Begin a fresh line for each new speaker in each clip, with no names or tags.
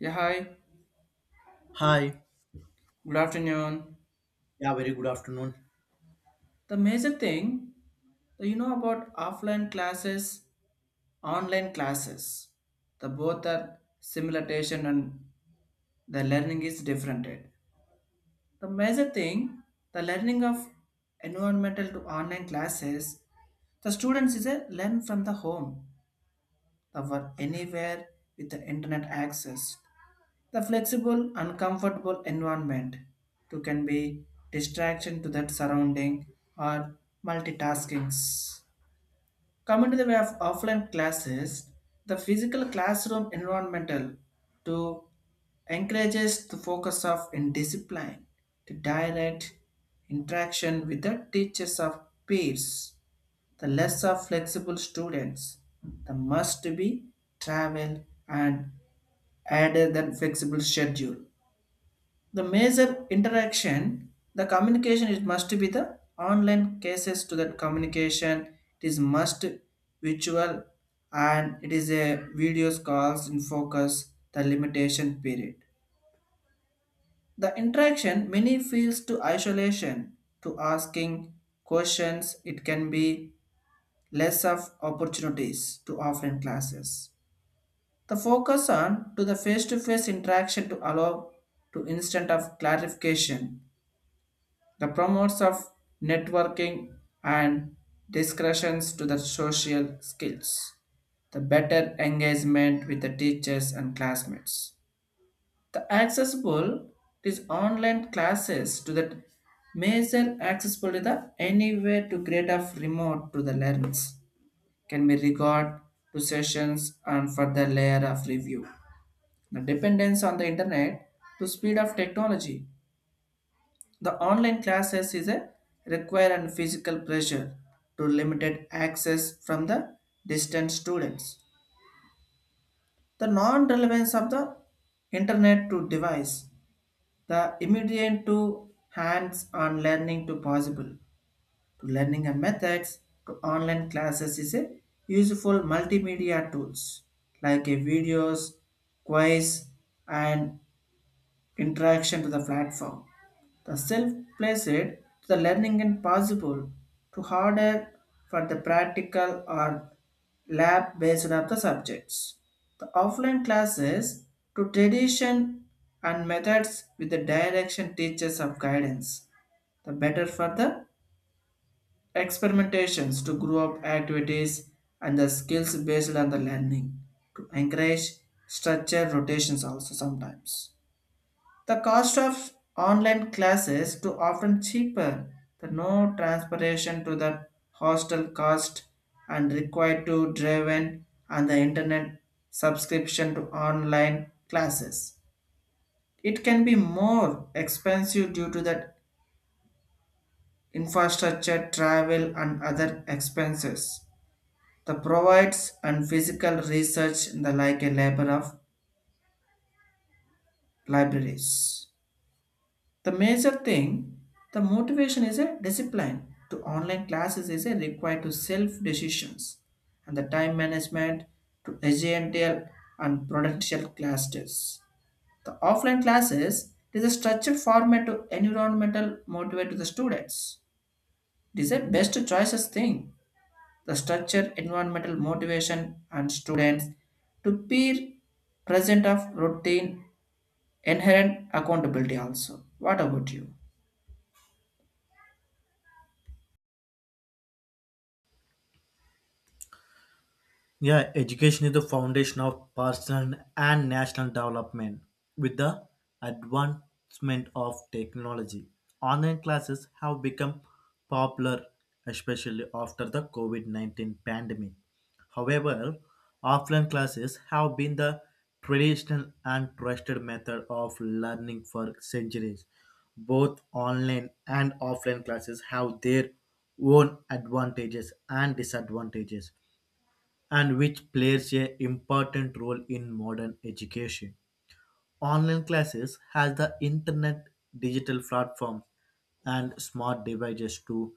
Yeah, hi.
Hi.
Good afternoon.
Yeah, very good afternoon.
The major thing that you know about offline classes, online classes, the both are simulation and the learning is different. The major thing, the learning of environmental to online classes, the students is a learn from the home that were anywhere with the internet access. The flexible, uncomfortable environment too can be distraction to that surrounding or multitaskings. Coming to the way of offline classes, the physical classroom environmental to encourages the focus of in discipline, to direct interaction with the teachers of peers the less of flexible students, the must be travel and added than flexible schedule. The major interaction, the communication it must be the online cases to that communication. It is must virtual and it is a videos calls in focus the limitation period. The interaction many feels to isolation to asking questions. It can be less of opportunities to offline classes. The focus on to the face-to-face interaction to allow to instant of clarification, the promotes of networking and discussions to the social skills, the better engagement with the teachers and classmates. The accessible is online classes to the major accessible to the anywhere to grade of remote to the learners can be regard to sessions and further layer of review. The dependence on the internet to speed of technology. The online classes is a require and physical pressure to limited access from the distant students. The non-relevance of the internet to device. The immediate to hands-on learning to possible to learning and methods to online classes is a useful multimedia tools like a videos, quiz, and interaction to the platform. The self-placed to the learning and possible to harder for the practical or lab based of the subjects. The offline classes to tradition and methods with the direction teachers of guidance the better for the experimentations to grow up activities and the skills based on the learning to encourage structured rotations also sometimes. The cost of online classes to often cheaper, the no transportation to the hostel cost and required to drive in and the internet subscription to online classes. It can be more expensive due to the infrastructure, travel and other expenses. The provides and physical research in the like a labor of libraries. The major thing, the motivation is a discipline to online classes is a required to self decisions and the time management to agile and prudential classes. The offline classes it is a structured format to environmental motivate to the students. It is a best choices thing, the structure, environmental motivation, and students to be present of routine, inherent accountability also. What about you?
Yeah, education is the foundation of personal and national development. With the advancement of technology, online classes have become popular, especially after the COVID 19 pandemic. However, offline classes have been the traditional and trusted method of learning for centuries. Both online and offline classes have their own advantages and disadvantages and which plays a important role in modern education. Online classes has the internet, digital platforms, and smart devices to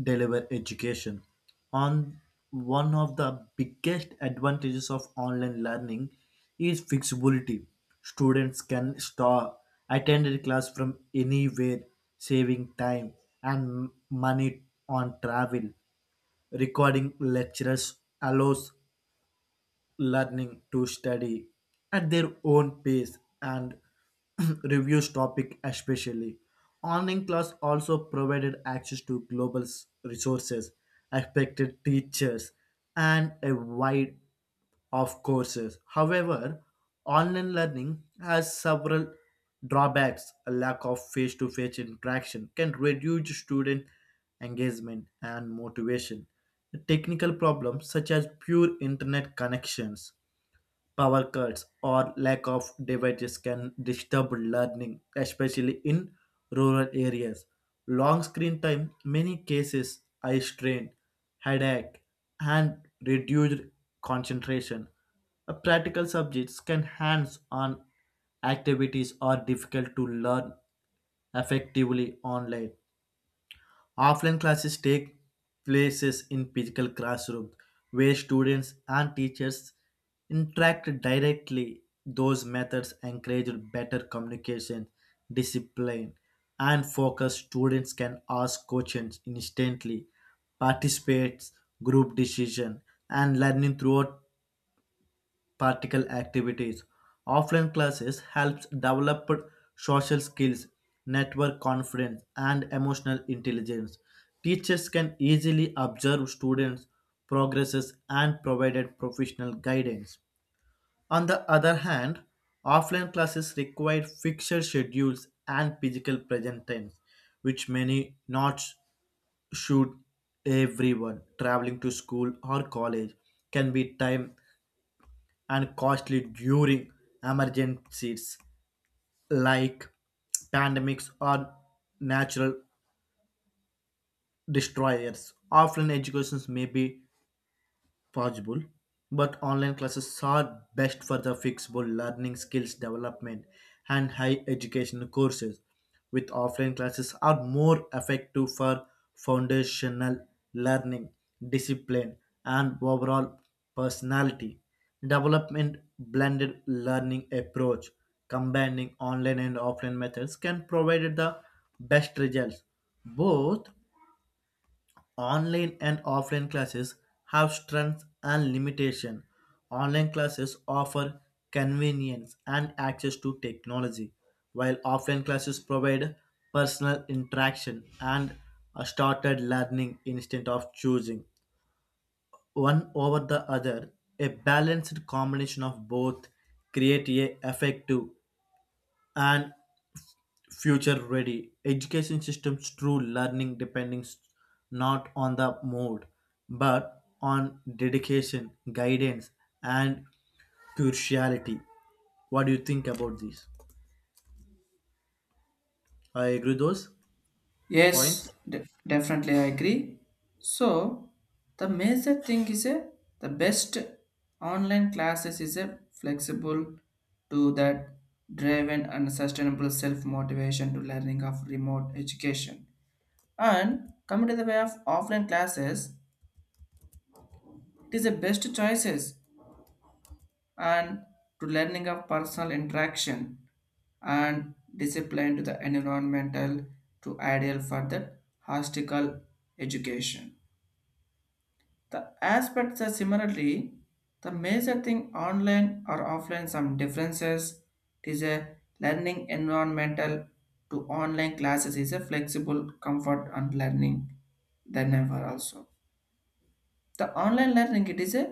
deliver education. On one of the biggest advantages of online learning is flexibility. Students can start attend a class from anywhere, saving time and money on travel recording lectures allows learning to study at their own pace and reviews topic especially. Online class also provided access to global s- resources, expected teachers, and a wide of courses. However, online learning has several drawbacks. A lack of face to face interaction can reduce student engagement, and motivation. The technical problems such as poor internet connections, power cuts, or lack of devices can disturb learning, especially in rural areas. Long screen time, many cases eye strain, headache, and reduced concentration. Practical subjects can hands-on activities are difficult to learn effectively online. Offline classes take places in physical classroom where students and teachers interact directly. Those methods encourage better communication, discipline, and focus. Students can ask questions instantly, participate group decision, and learning throughout practical activities. Offline classes helps develop social skills, network confidence, and emotional intelligence. Teachers can easily observe students' progresses and provide professional guidance. On the other hand, offline classes require fixed schedules and physical presence times, which many not should everyone traveling to school or college can be time and costly during emergencies like pandemics or natural destroyers. Offline educations may be possible, but online classes are best for the flexible learning skills development and high education courses, with offline classes are more effective for foundational learning, discipline, and overall personality development blended learning approach combining online and offline methods can provide the best results both online and offline classes have strengths and limitations. Online classes offer convenience and access to technology, while offline classes provide personal interaction and a started learning instead of choosing one over the other. A balanced combination of both create a effective and future ready. Education systems true learning depends not on the mode but on dedication, guidance and curiosity. What do you think about this? I agree those points.
Yes, definitely I agree. So the major thing is a the best online classes is a flexible to that driven and sustainable self motivation to learning of remote education, and coming to the way of offline classes it is the best choices and to learning of personal interaction and discipline to the environmental to ideal for the hostical education. The aspects are similarly the major thing online or offline, some differences is a learning environmental to online classes is a flexible comfort and learning than ever also. The online learning it is a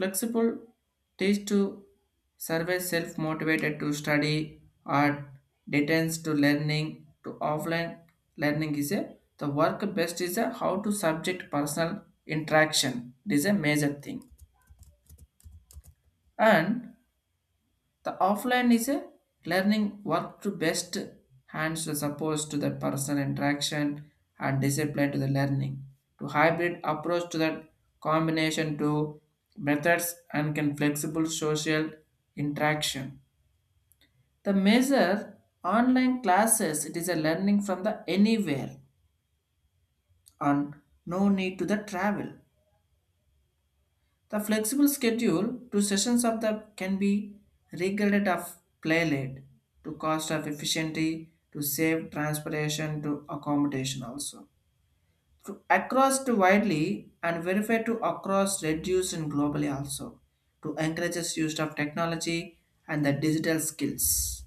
flexible teach to survey self motivated to study or detains to learning to offline learning is a the work best is a how to subject personal interaction, it is a major thing. And the offline is a learning work to best hands to suppose to the personal interaction and discipline to the learning. To hybrid approach to the combination to methods and can flexible social interaction. The measure online classes it is a learning from the anywhere and no need to the travel. The flexible schedule to sessions of the can be regarded of play late to cost of efficiency to save transportation to accommodation also. To across to widely and verify to across reduce and globally also, to encourages use of technology and the digital skills.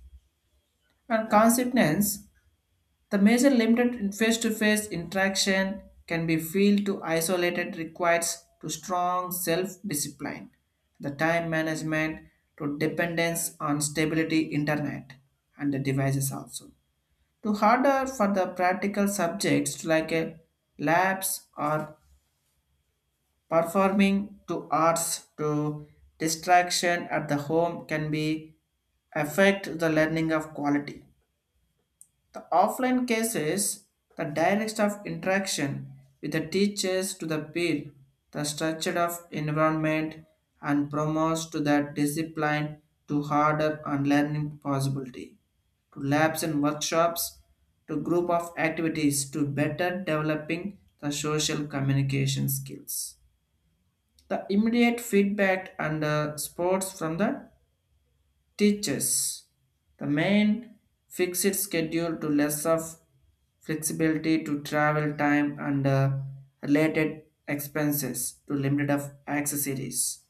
And consequence the major limited in face-to-face interaction can be feel to isolated, requires to strong self-discipline, the time management to dependence on stability internet and the devices also. To harder for the practical subjects like a labs or performing to arts, to distraction at the home can be affect the learning of quality. The offline cases, the direct of interaction with the teachers to the peer, the structure of environment and promotes to that discipline to harder and learning possibility, to labs and workshops, to group of activities to better developing the social communication skills. The immediate feedback and sports from the teachers. The main fixed schedule to less of flexibility to travel time and related expenses to limited of accessories.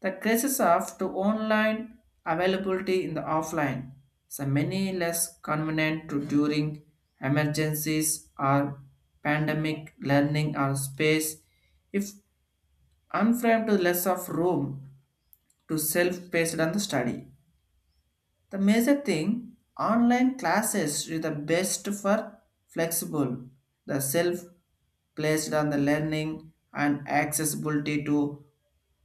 The crisis of to online availability in the offline. So many less convenient to during emergencies or pandemic learning or space, if unframed to less of room to self-paced on the study, the major thing online classes is the best for flexible, the self placed on the learning and accessibility. To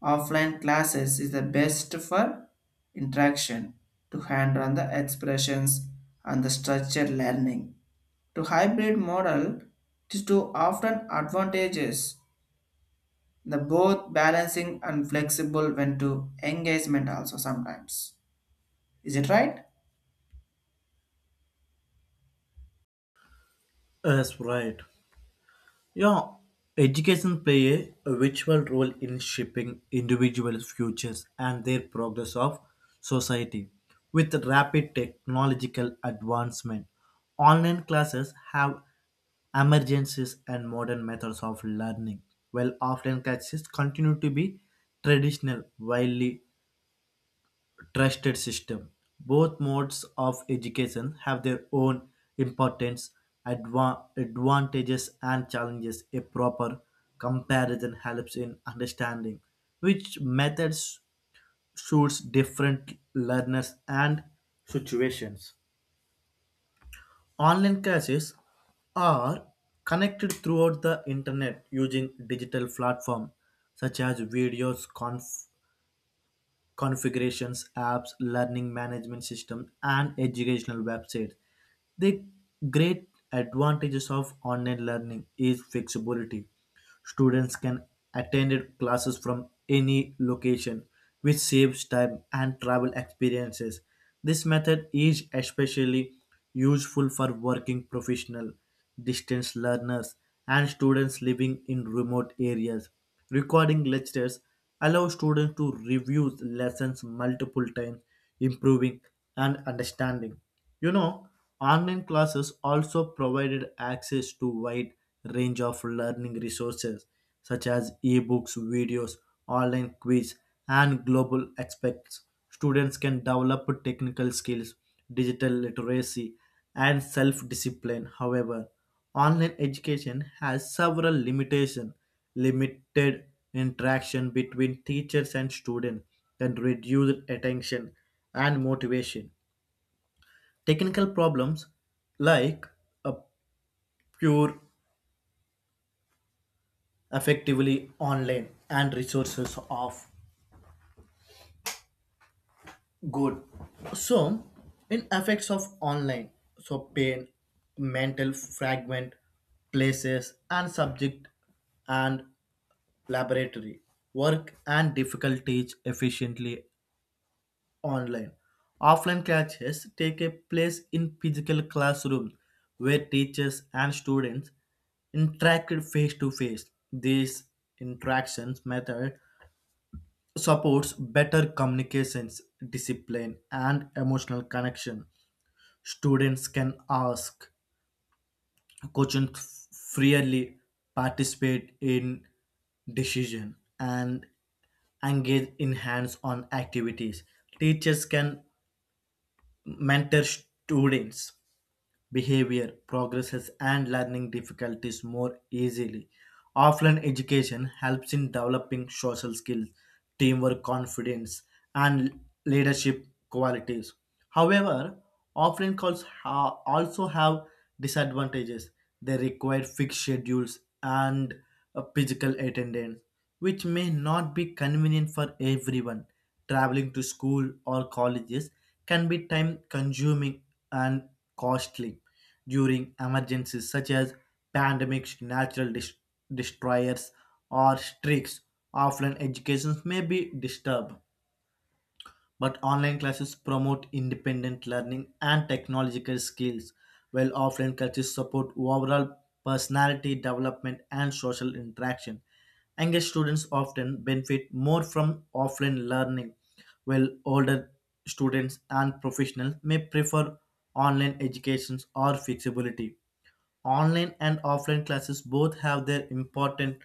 offline classes is the best for interaction to hand on the expressions and the structured learning. To hybrid model it is to often advantages the both balancing and flexible when to engagement also sometimes. Is it right?
Yes, right. Yeah, education play a virtual role in shaping individuals' futures and their progress of society. With rapid technological advancement, online classes have emergencies and modern methods of learning, while often crises, continue to be traditional, widely trusted system. Both modes of education have their own importance, advantages, and challenges. A proper comparison helps in understanding which methods suits different learners and situations. Online classes are connected throughout the internet using digital platforms such as videos, configurations, apps, learning management systems, and educational websites. The great advantages of online learning is flexibility. Students can attend classes from any location, which saves time and travel experiences. This method is especially useful for working professional, distance learners, and students living in remote areas. Recording lectures allows students to review lessons multiple times, improving and understanding. You know, online classes also provided access to wide range of learning resources such as ebooks, videos, online quiz, and global aspects students can develop technical skills, digital literacy, and self discipline. However, online education has several limitations. Limited interaction between teachers and students can reduce attention and motivation. Technical problems like a pure effectively online and resources of good. So, in effects of online, so pain, mental fragment, places and subject and laboratory, work and difficulties efficiently online. Offline classes take a place in physical classrooms where teachers and students interact face to face. These interactions method supports better communications, discipline, and emotional connection. Students can ask questions freely, participate in decision, and engage in hands-on activities. Teachers can mentor students behavior, progresses, and learning difficulties more easily. Offline education helps in developing social skills, teamwork, confidence, and leadership qualities. However, offline also have disadvantages. They require fixed schedules and a physical attendance, which may not be convenient for everyone traveling to school or colleges can be time consuming and costly during emergencies such as pandemics, natural destroyers, or streaks. Offline education may be disturbed but online classes promote independent learning and technological skills, while offline classes support overall personality development and social interaction. Engaged students often benefit more from offline learning, while older students and professionals may prefer online educations or flexibility. Online and offline classes both have their important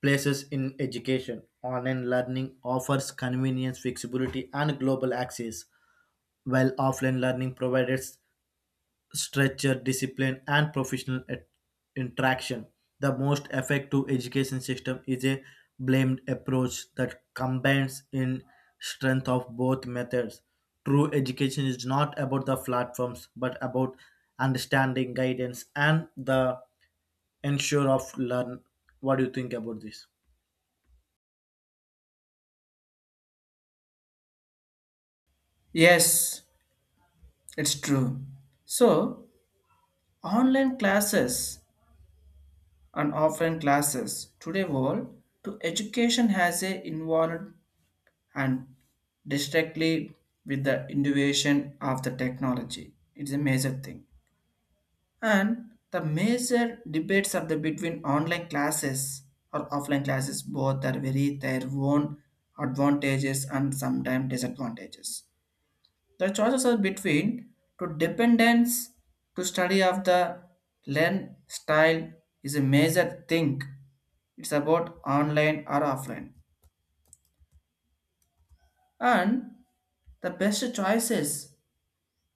places in education. Online learning offers convenience, flexibility, and global access, while offline learning provides structure, discipline, and professional interaction. The most effective education system is a blamed approach that combines in strength of both methods. True education is not about the platforms, but about understanding, guidance, and the ensure of learn. What do you think about this?
Yes, it's true. So, online classes and offline classes today world to education has a involved and directly with the innovation of the technology. It's a major thing. And the major debates are the between online classes or offline classes, both are very their own advantages and sometimes disadvantages. The choices are between to dependence to study of the learn style is a major thing. It's about online or offline. And the best choices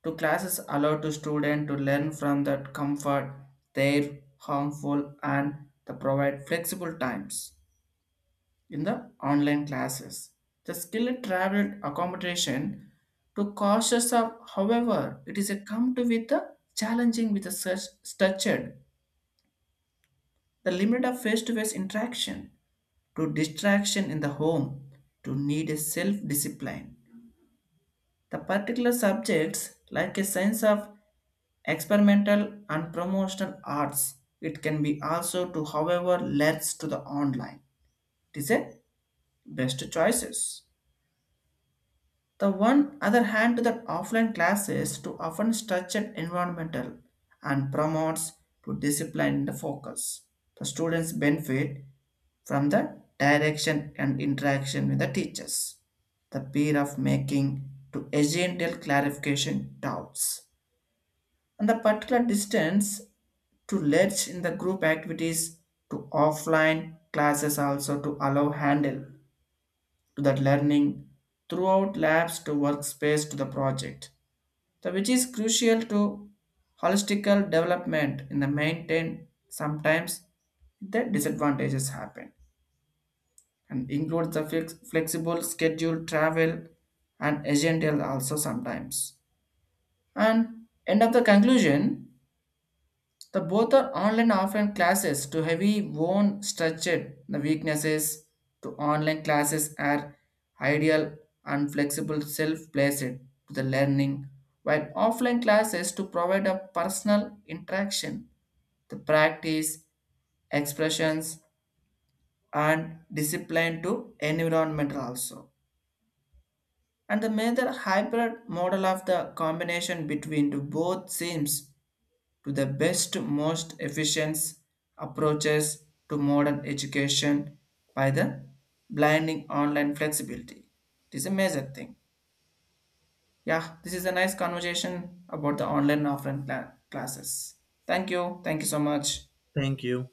to classes allow to student to learn from that comfort, their harmful and the provide flexible times in the online classes. The skilled travel accommodation to cautious of, however, it is a come to with the challenging with the such structured, the limit of face-to-face interaction, to distraction in the home, to need a self-discipline. The particular subjects like a sense of experimental and promotional arts, it can be also to however leads to the online. It is a best choices. The one other hand to that offline classes to often structured environmental and promotes to discipline and focus. The students benefit from the direction and interaction with the teachers. The peer of making to agential clarification doubts. And the particular distance to ledge in the group activities to offline classes also to allow handle to that learning throughout labs to workspace to the project, the which is crucial to holistical development in the maintain. Sometimes the disadvantages happen and include the flexible schedule travel and agential also sometimes. And end of the conclusion, the both are online and offline classes to heavy worn structured the weaknesses to online classes are ideal and flexible self-placed to the learning, while offline classes to provide a personal interaction, the practice, expressions and discipline to environment also. And the major hybrid model of the combination between the both seems to the best, most efficient approaches to modern education by the blinding online flexibility. It is a major thing. Yeah, this is a nice conversation about the online and offline classes. Thank you. Thank you so much.
Thank you.